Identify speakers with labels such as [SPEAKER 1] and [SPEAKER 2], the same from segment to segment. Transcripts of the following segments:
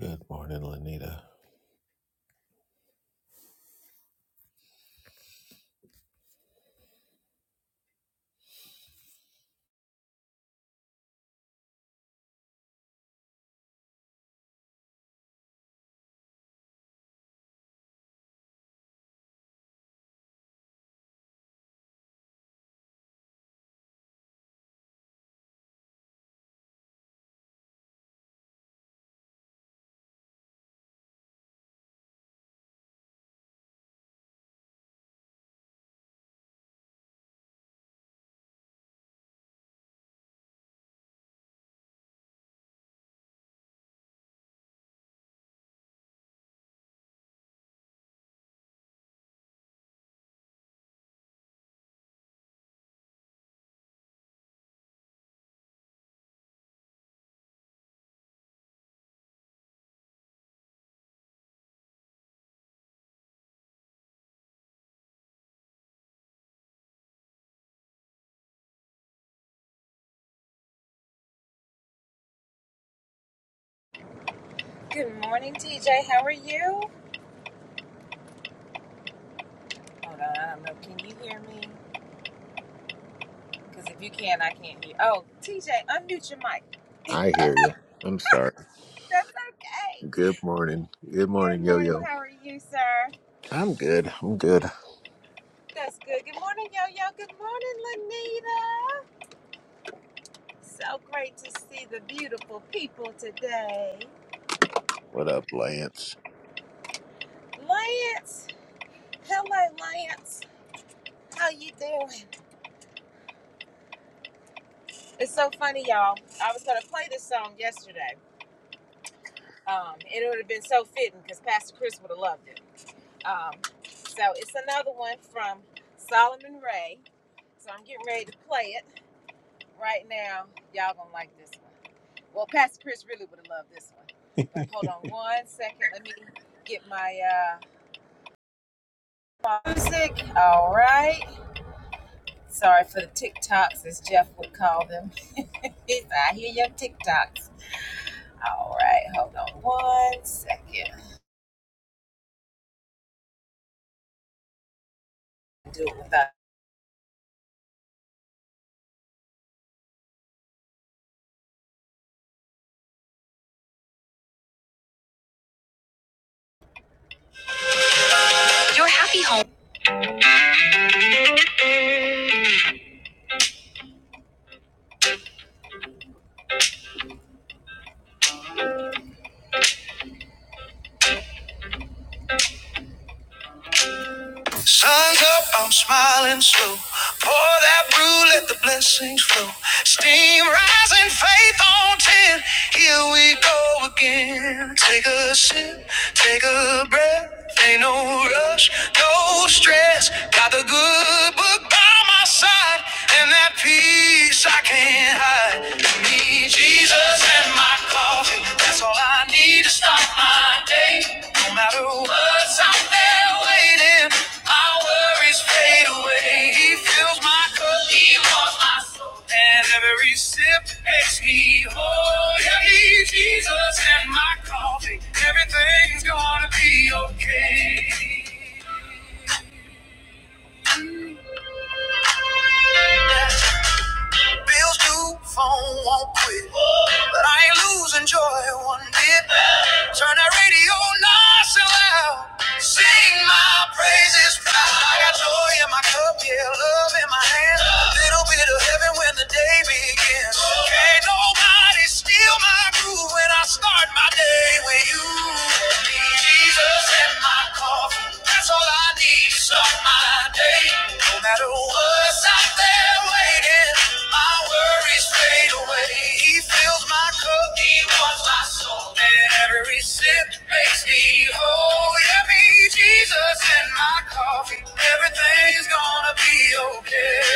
[SPEAKER 1] Good morning, Lanita. I hear you. I'm sorry. Good morning. Good morning, Yo Yo. I'm good. I'm good. What up, Lance?
[SPEAKER 2] Sun's up, I'm smiling slow. Pour that brew, let the blessings flow. Steam rising, faith on ten. Here we go again. Take a sip, take a breath. Ain't no rush, no stress. Got the good book by my side, and that peace I can't hide. Need Jesus and my coffee, that's all I need to start my day. No matter what's out there waiting, my worries fade away. He fills my cup, he wants my soul, and every sip makes me whole. Yeah, me, Jesus and my coffee, everything's gonna be okay. Bills due, phone won't quit. But I ain't losing joy one bit. Turn that radio nice and loud. Sing my praises proud. I got joy in my cup, yeah, love in my hand. A Little bit of heaven when the day begins. Can't nobody steal my groove when I start my day with you. Jesus in my coffin. That's all I need needs of my day. No matter what's out there waiting, my worries fade away. He fills my cup, he warms my soul, and every sip makes me whole. Yeah, me, Jesus, and my coffee, everything's gonna be okay.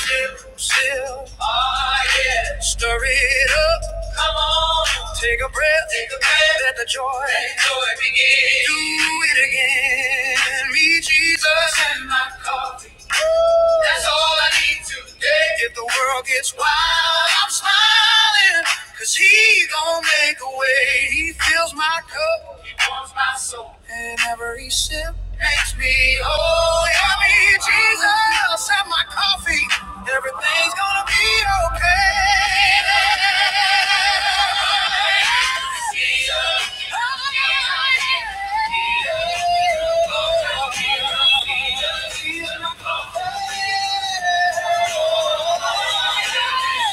[SPEAKER 2] Sip, sip, Oh yeah. Stir it up, come on. Take a breath, take a breath. Let the joy, let the joy begin. Do it again. Send me Jesus and my coffee. That's all I need today. If the world gets wild, I'm smiling. Cause he gon' make a way. He fills my cup. He warms my soul. And every sip makes me whole. Help me, Jesus. and my coffee our everything's gonna be okay.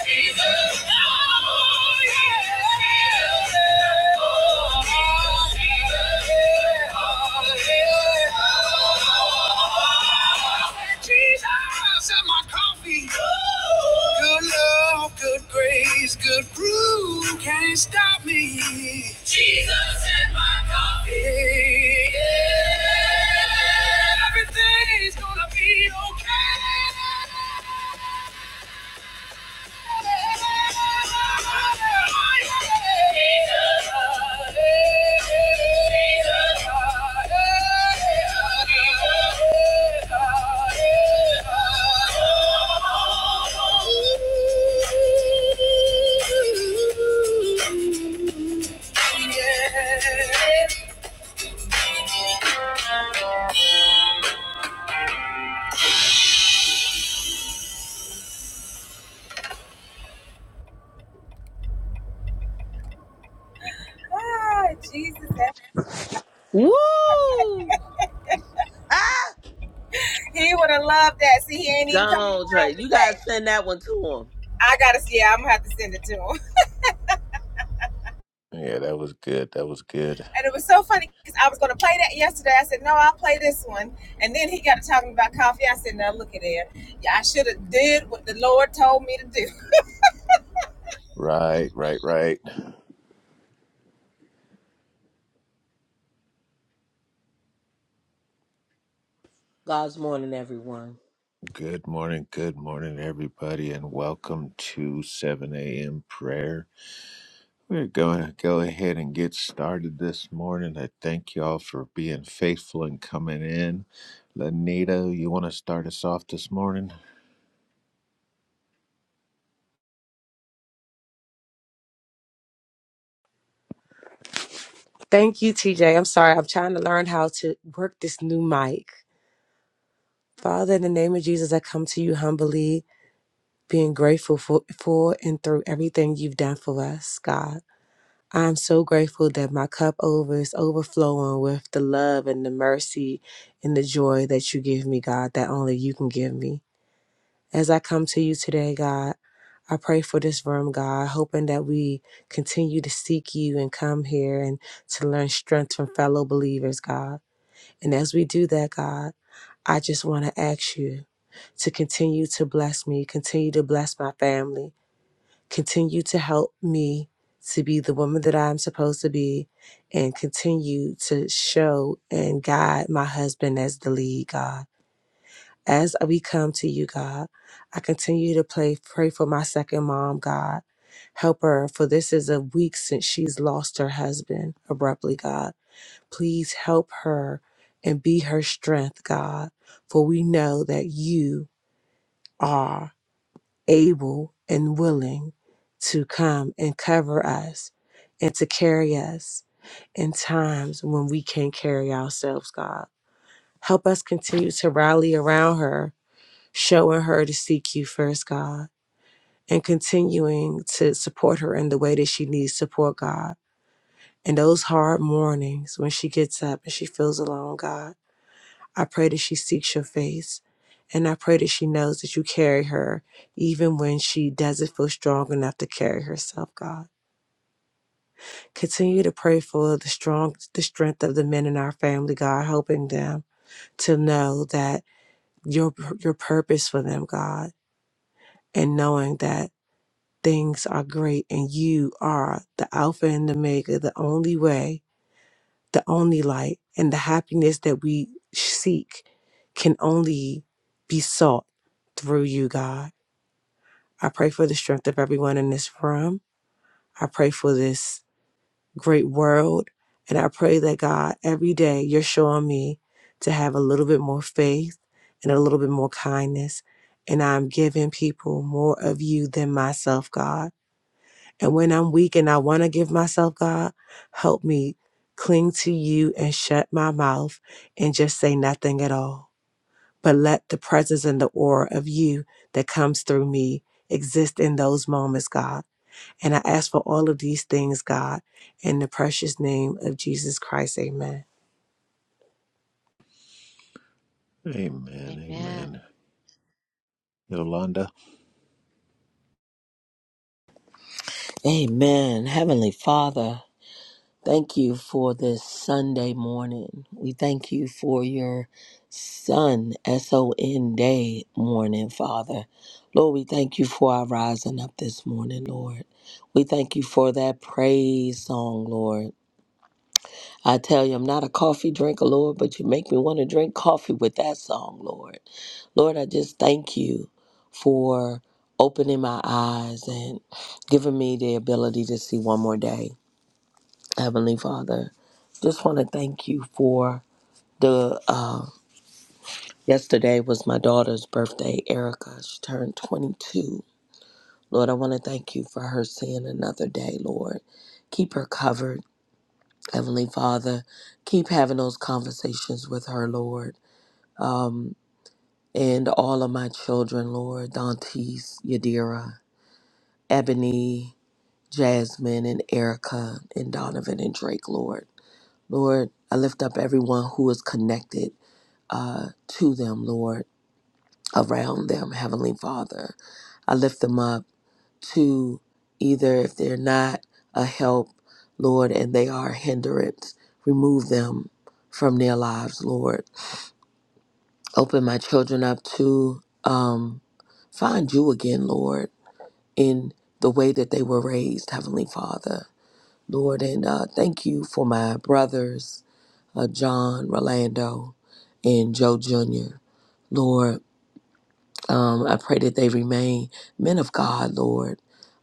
[SPEAKER 2] Jesus and my coffee. Good love, good grace, good groove can't stop me. Jesus and my coffee. Yeah. Everything's gonna be okay.
[SPEAKER 3] Woo! Ah! Gone, Trey. You gotta send that one to him.
[SPEAKER 1] Yeah, that was good. That was good. Right, right, right.
[SPEAKER 3] God's morning, everyone.
[SPEAKER 1] Good morning. Good morning, everybody, and welcome to 7 a.m. prayer. We're going to go ahead and get started this morning. I thank you all for being faithful and coming in. Lanita, you want to start us off this morning?
[SPEAKER 4] Thank you, TJ. I'm sorry. I'm trying to learn how to work this new mic. Father, in the name of Jesus, I come to you humbly, being grateful for, for and through everything you've done for us, God. I'm so grateful that my cup over is overflowing with the love and the mercy and the joy that you give me, God, that only you can give me. As I come to you today, God, I pray for this room, God, hoping that we continue to seek you and come here and to learn strength from fellow believers, God. And as we do that, God, I just want to ask you to continue to bless me, continue to bless my family, continue to help me to be the woman that I'm supposed to be, and continue to show and guide my husband as the lead, God. As we come to you, God, I continue to play, pray for my second mom, God. Help her, for this is a week since she's lost her husband abruptly, God. Please help her and be her strength, God, for we know that you are able and willing to come and cover us and to carry us in times when we can't carry ourselves, God. Help us continue to rally around her, showing her to seek you first, God, and continuing to support her in the way that she needs support, God. In those hard mornings when she gets up and she feels alone, God. I pray that she seeks your face. And I pray that she knows that you carry her even when she doesn't feel strong enough to carry herself, God. Continue to pray for the strong the strength of the men in our family, God, helping them to know that your your purpose for them, God, and knowing that things are great and you are the Alpha and the Omega, the only way the only light and the happiness that we seek can only be sought through you, God. I pray for the strength of everyone in this room. I pray for this great world. And I pray that, God, every day you're showing me to have a little bit more faith and a little bit more kindness. And I'm giving people more of you than myself, God. And when I'm weak and I want to give myself, God, help me cling to you and shut my mouth and just say nothing at all. But let the presence and the aura of you that comes through me exist in those moments, God. And I ask for all of these things, God, in the precious name of Jesus Christ. Amen.
[SPEAKER 1] Amen. Amen. Yolanda?
[SPEAKER 3] Amen. Heavenly Father, thank you for this Sunday morning. We thank you for your Son, S O N day morning, Father. Lord, we thank you for our rising up this morning, Lord. We thank you for that praise song, Lord. I tell you, I'm not a coffee drinker, Lord, but you make me want to drink coffee with that song, Lord. Lord, I just thank you for opening my eyes and giving me the ability to see one more day. Heavenly Father, just want to thank you for the. Uh, yesterday was my daughter's birthday, Erica. She turned 22. Lord, I want to thank you for her seeing another day, Lord. Keep her covered, Heavenly Father. Keep having those conversations with her, Lord um, and all of my children, Lord, Dantes, Yadira, Ebony, Jasmine, and Erica, and Donovan, and Drake, Lord. Lord, I lift up everyone who is connected uh, to them, Lord, around them, Heavenly Father. I lift them up to either if they're not a help, Lord, and they are a hindrance, remove them from their lives, Lord. Open my children up to um, find you again, Lord, in the way that they were raised, Heavenly Father. Lord, and uh, thank you for my brothers, uh, John, Rolando, and Joe Jr. Lord, um, I pray that they remain men of God, Lord,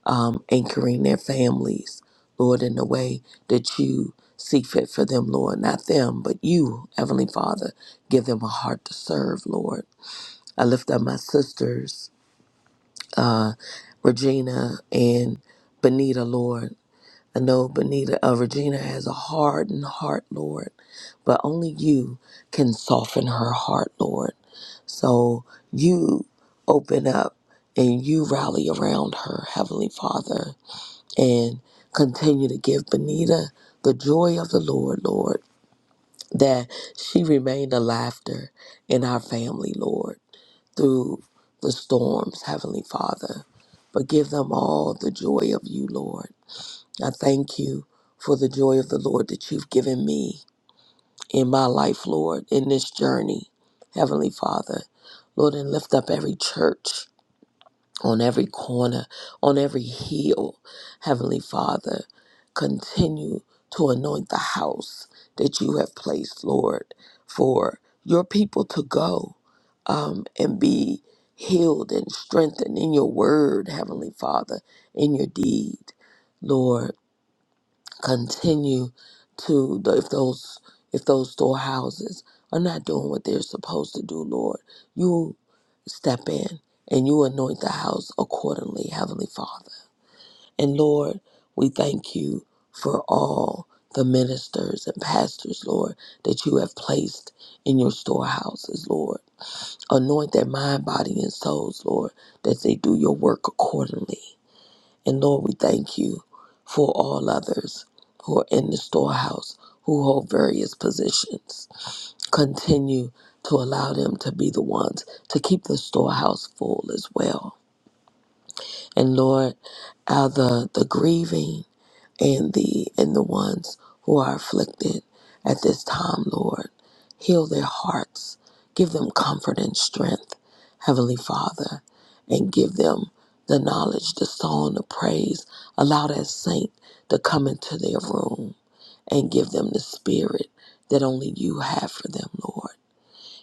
[SPEAKER 3] um, anchoring their families, Lord, in the way that you see fit for them, Lord. Not them, but you, Heavenly Father. Give them a heart to serve, Lord I lift up my sisters, uh, Regina and Benita, Lord. I know Benita, uh, Regina has a hardened heart, Lord, but only you can soften her heart, Lord. So you open up and you rally around her, Heavenly Father, and continue to give Benita the joy of the Lord, Lord, that she remained a laughter in our family, Lord. through the storms, Heavenly Father, but give them all the joy of you, Lord. I thank you for the joy of the Lord that you've given me in my life, Lord, in this journey, Heavenly Father. Lord, and lift up every church on every corner, on every hill, Heavenly Father. Continue to anoint the house that you have placed, Lord, for your people to go um, and be healed and strengthened in your word, Heavenly Father, in your deed, Lord continue to if those if those storehouses are not doing what they're supposed to do lord you step in and you anoint the house accordingly heavenly father and lord we thank you for all the ministers and pastors lord that you have placed in your storehouses lord anoint their mind body and souls lord that they do your work accordingly and Lord, we thank you for all others who are in the storehouse, who hold various positions. Continue to allow them to be the ones to keep the storehouse full as well. And Lord, uh, the, the grieving and the and the ones who are afflicted at this time, Lord. Heal their hearts, give them comfort and strength, Heavenly Father, and give them the knowledge, the song, the praise. Allow that saint to come into their room and give them the spirit that only you have for them, Lord.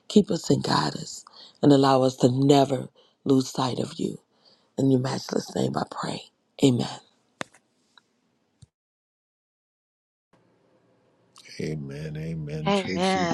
[SPEAKER 3] Keep us and guide us and allow us to never lose sight of you. In your matchless name I pray. Amen.
[SPEAKER 1] Amen. Amen. Tracy?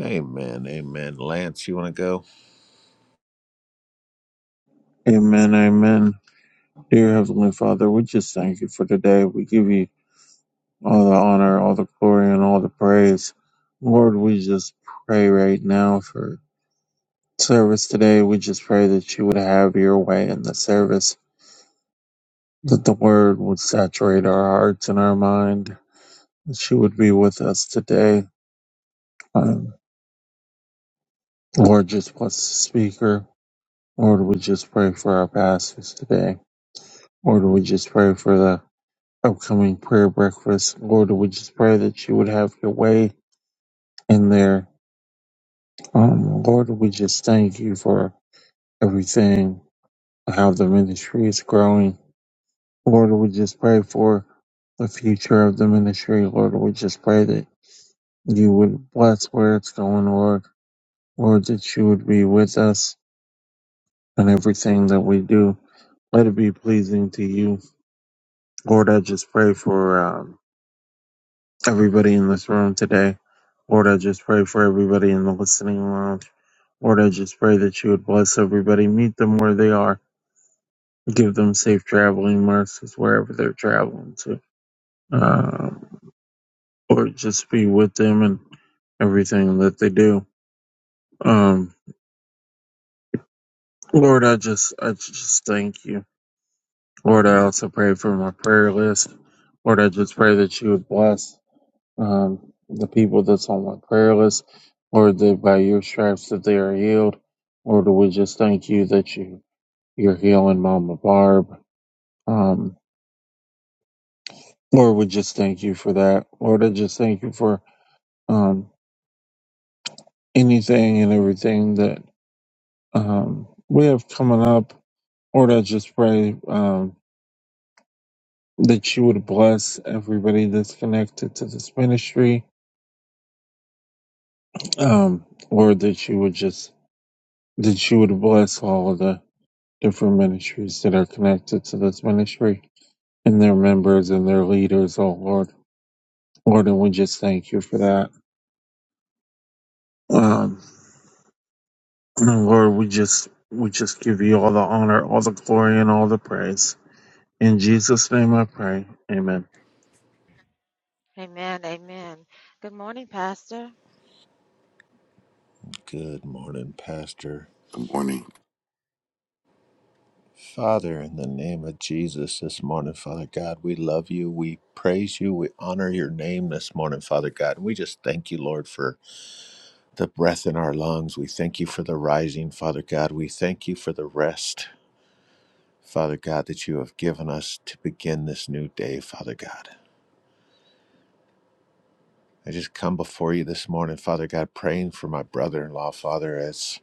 [SPEAKER 1] Amen. Amen. Lance, you want to go?
[SPEAKER 5] Amen, amen. Dear Heavenly Father, we just thank you for today. We give you all the honor, all the glory, and all the praise. Lord, we just pray right now for service today. We just pray that you would have your way in the service, that the word would saturate our hearts and our mind, that you would be with us today. Um, Lord, just bless the speaker. Lord, we just pray for our pastors today. Lord, we just pray for the upcoming prayer breakfast. Lord, we just pray that you would have your way in there. Um, Lord, we just thank you for everything, how the ministry is growing. Lord, we just pray for the future of the ministry. Lord, we just pray that you would bless where it's going, Lord. Lord, that you would be with us in everything that we do. Let it be pleasing to you. Lord, I just pray for um, everybody in this room today. Lord, I just pray for everybody in the listening lounge. Lord, I just pray that you would bless everybody, meet them where they are, give them safe traveling mercies wherever they're traveling to. Um, Lord, just be with them and everything that they do. Um, Lord, I just, I just thank you. Lord, I also pray for my prayer list. Lord, I just pray that you would bless. um, the people that's on my prayer list, Lord, that by your stripes that they are healed. Lord, we just thank you that you you're healing Mama Barb. Um, Lord, we just thank you for that. Lord, I just thank you for um, anything and everything that um, we have coming up. Lord, I just pray um, that you would bless everybody that's connected to this ministry. Um, Lord, that you would just that you would bless all of the different ministries that are connected to this ministry and their members and their leaders, oh Lord. Lord, and we just thank you for that. Um, and Lord, we just we just give you all the honor, all the glory, and all the praise. In Jesus' name I pray. Amen.
[SPEAKER 1] Good morning, Pastor.
[SPEAKER 6] Good morning.
[SPEAKER 1] Father, in the name of Jesus this morning, Father God, we love you. We praise you. We honor your name this morning, Father God. And we just thank you, Lord, for the breath in our lungs. We thank you for the rising, Father God. We thank you for the rest, Father God, that you have given us to begin this new day, Father God. I just come before you this morning, Father God, praying for my brother in law, Father, as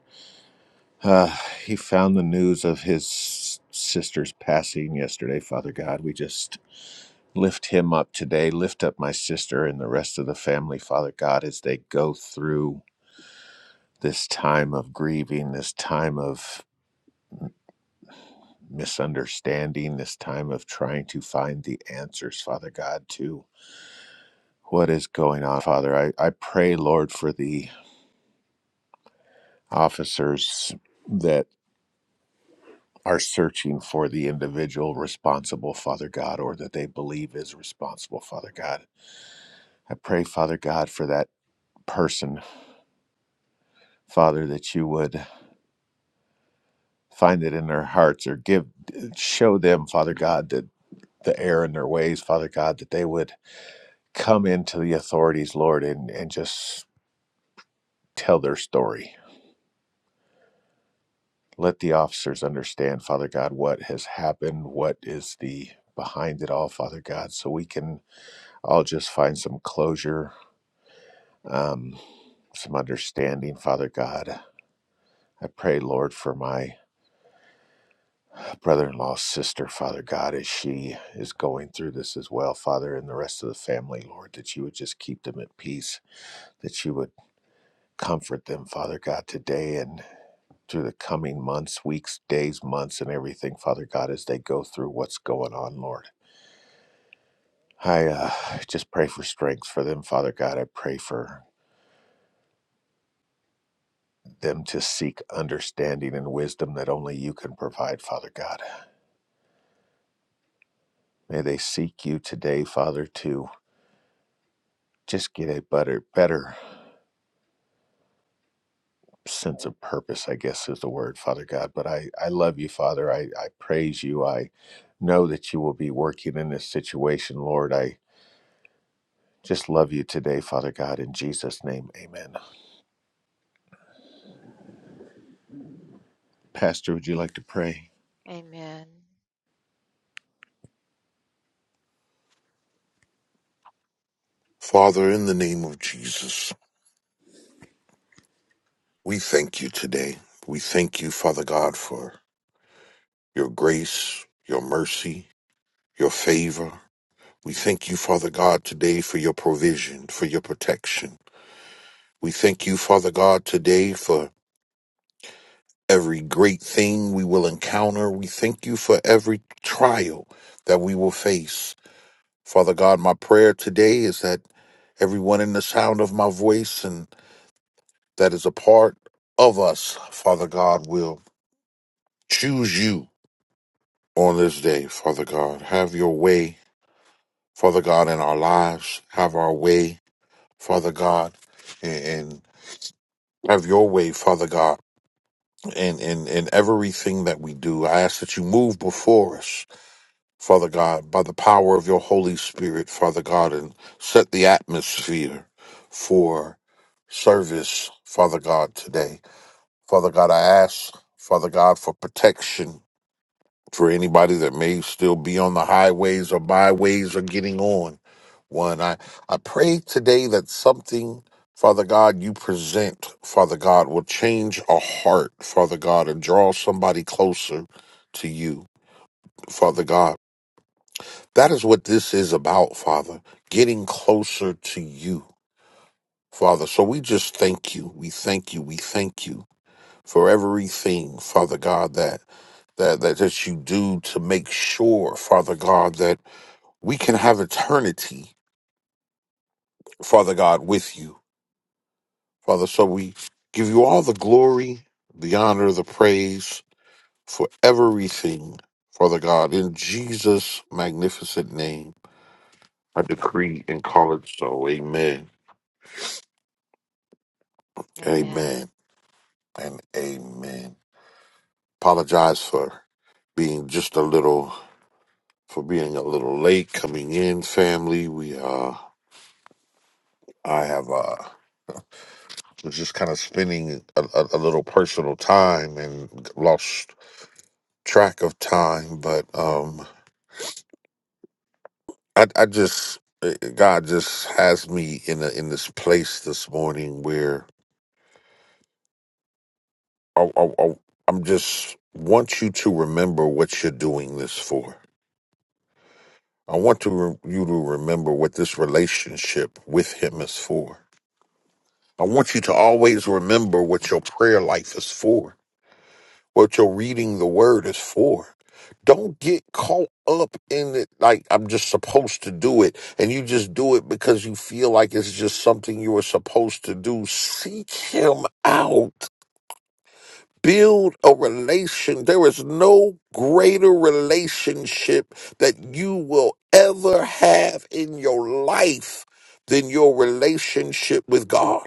[SPEAKER 1] uh, he found the news of his sister's passing yesterday, Father God. We just lift him up today. Lift up my sister and the rest of the family, Father God, as they go through this time of grieving, this time of misunderstanding, this time of trying to find the answers, Father God, to what is going on, Father. I, I pray, Lord, for the officers that are searching for the individual responsible, Father God, or that they believe is responsible, Father God. I pray, Father God, for that person, Father, that you would find it in their hearts or give show them, Father God, that the error in their ways, Father God, that they would come into the authorities, Lord, and, and just tell their story. Let the officers understand, Father God, what has happened, what is the behind it all, Father God, so we can all just find some closure, um, some understanding, Father God. I pray, Lord, for my brother in law's sister, Father God, as she is going through this as well, Father, and the rest of the family, Lord, that you would just keep them at peace, that you would comfort them, Father God, today. And through the coming months, weeks, days, months, and everything, Father God, as they go through what's going on, Lord. I uh, just pray for strength for them, Father God. I pray for them to seek understanding and wisdom that only you can provide, Father God. May they seek you today, Father, to just get a better, better sense of purpose, I guess is the word, Father God. But I, I love you, Father. I, I praise you. I know that you will be working in this situation, Lord. I Just love you today, Father God, in Jesus' name. Amen. Pastor, would you like to pray?
[SPEAKER 6] Father, in the name of Jesus, we thank you today. We thank you, Father God, for your grace, your mercy, your favor. We thank you, Father God, today for your provision, for your protection. We thank you, Father God, today for every great thing we will encounter. We thank you for every trial that we will face. Father God, my prayer today is that everyone in the sound of my voice and that is a part of us, Father God, will choose you on this day, Father God. Have your way, Father God, in our lives. Have our way, Father God, and and have your way, Father God, in, in, in everything that we do. I ask that you move before us, Father God, by the power of your Holy Spirit, Father God, and set the atmosphere for service, Father God, today. Father God, I ask, Father God, for protection for anybody that may still be on the highways or byways or getting on one. I, I pray today that something, Father God, you present, Father God, will change a heart, Father God, and draw somebody closer to you, Father God. That is what this is about, Father, getting closer to you. Father, so we just thank you. We thank you. We thank you for everything, Father God, that that that, that you do to make sure, Father God, that we can have eternity, Father God, with you. Father, so we give you all the glory, the honor, the praise for everything, Father God, in Jesus' magnificent name. I decree and call it so. Amen. Amen and amen. Apologize for being just a little for being a little late coming in, family. We uh, I have uh, was just kind of spending a, a, a little personal time and lost track of time, but um, I I just eh, eh, God just has me in a, in this place this morning where I, I, I I'm just want you to remember what you're doing this for. I want to re- you to remember what this relationship with Him is for I want you to always remember what your prayer life is for, what your reading the word is for. Don't get caught up in it like I'm just supposed to do it, and you just do it because you feel like it's just something you were supposed to do. Seek Him out. Build a relation. There is no greater relationship that you will ever have in your life than your relationship with God.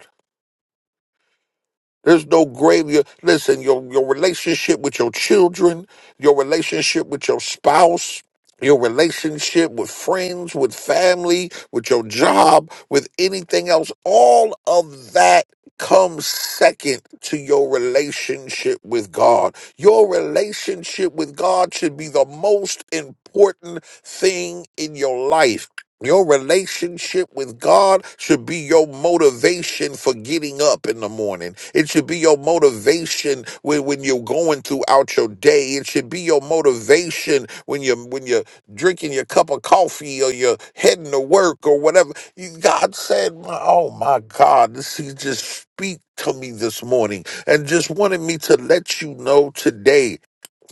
[SPEAKER 6] There's no grave. Your, listen, your, your relationship with your children, your relationship with your spouse, your relationship with friends, with family, with your job, with anything else, all of that comes second to your relationship with God. Your relationship with God should be the most important thing in your life. Your relationship with God should be your motivation for getting up in the morning. It should be your motivation when, when you're going throughout your day. It should be your motivation when you're when you're drinking your cup of coffee or you're heading to work or whatever. You, God said, my- "Oh my God, this He just speak to me this morning and just wanted me to let you know today."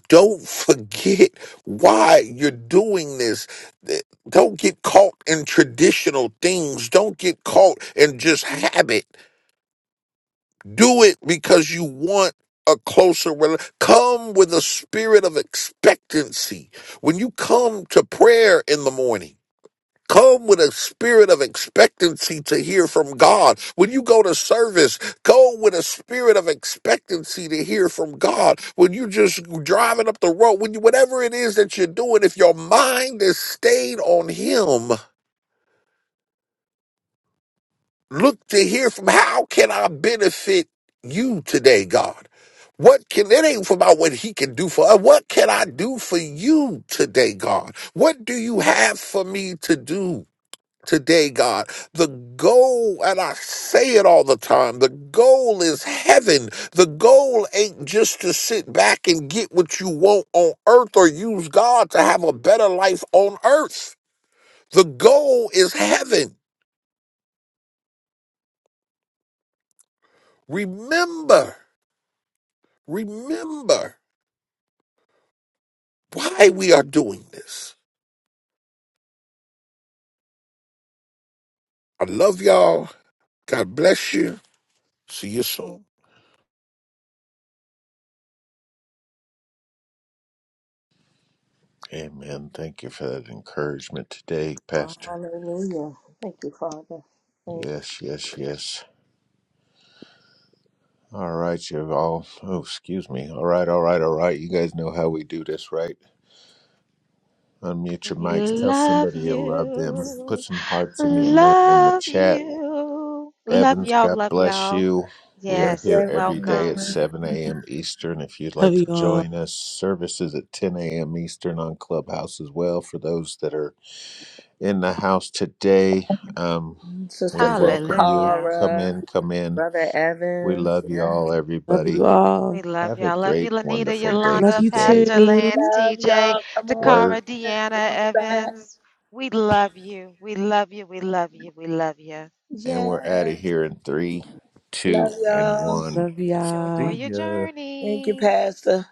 [SPEAKER 6] don't forget why you're doing this. Th- Don't get caught in traditional things. Don't get caught in just habit. Do it because you want a closer relationship. Come with a spirit of expectancy. When you come to prayer in the morning, Come with a spirit of expectancy to hear from God. When you go to service, go with a spirit of expectancy to hear from God. When you just driving up the road, when you whatever it is that you're doing, if your mind is stayed on Him, look to hear from how can I benefit you today, God? What can it ain't about what he can do for us? What can I do for you today, God? What do you have for me to do? today, God. The goal, and I say it all the time, the goal is heaven. The goal ain't just to sit back and get what you want on earth or use God to have a better life on earth. The goal is heaven. Remember, remember why we are doing this. I love y'all. God bless you. See you soon.
[SPEAKER 1] Amen. Thank you for that encouragement today, Pastor.
[SPEAKER 3] Hallelujah. Thank you, Father. Thank you.
[SPEAKER 1] Yes, yes, yes. All right, you all. Oh, excuse me. All right, all right, all right. You guys know how we do this, right? Unmute your mics. Tell somebody you love them. Put some hearts in the emo- in the chat. Evans, God bless you. We
[SPEAKER 3] Thank
[SPEAKER 1] are
[SPEAKER 3] you,
[SPEAKER 1] here every day at
[SPEAKER 3] everyone.
[SPEAKER 1] 7 a.m. Eastern. If you'd like
[SPEAKER 4] Love you
[SPEAKER 1] to
[SPEAKER 4] all.
[SPEAKER 1] join us, services at 10 a.m. Eastern on Clubhouse as well. For those that are in the house today, um, we
[SPEAKER 3] Sister
[SPEAKER 1] welcome you. Come in,
[SPEAKER 3] Takara,
[SPEAKER 1] come in.
[SPEAKER 3] Brother
[SPEAKER 1] We
[SPEAKER 3] Evans.
[SPEAKER 1] love you
[SPEAKER 3] Yes.
[SPEAKER 1] all,
[SPEAKER 4] Love
[SPEAKER 1] everybody.
[SPEAKER 4] you all.
[SPEAKER 1] Have a great, wonderful day
[SPEAKER 4] Love you
[SPEAKER 1] today.
[SPEAKER 4] too.
[SPEAKER 3] Love y'all. Come on in.
[SPEAKER 1] Word.
[SPEAKER 3] Come on back.
[SPEAKER 1] And we're out
[SPEAKER 3] Yes.
[SPEAKER 1] of here in three, two,
[SPEAKER 3] Love
[SPEAKER 1] and
[SPEAKER 3] y'all.
[SPEAKER 1] one.
[SPEAKER 4] Love y'all.
[SPEAKER 1] See ya.
[SPEAKER 3] Thank you, Pastor.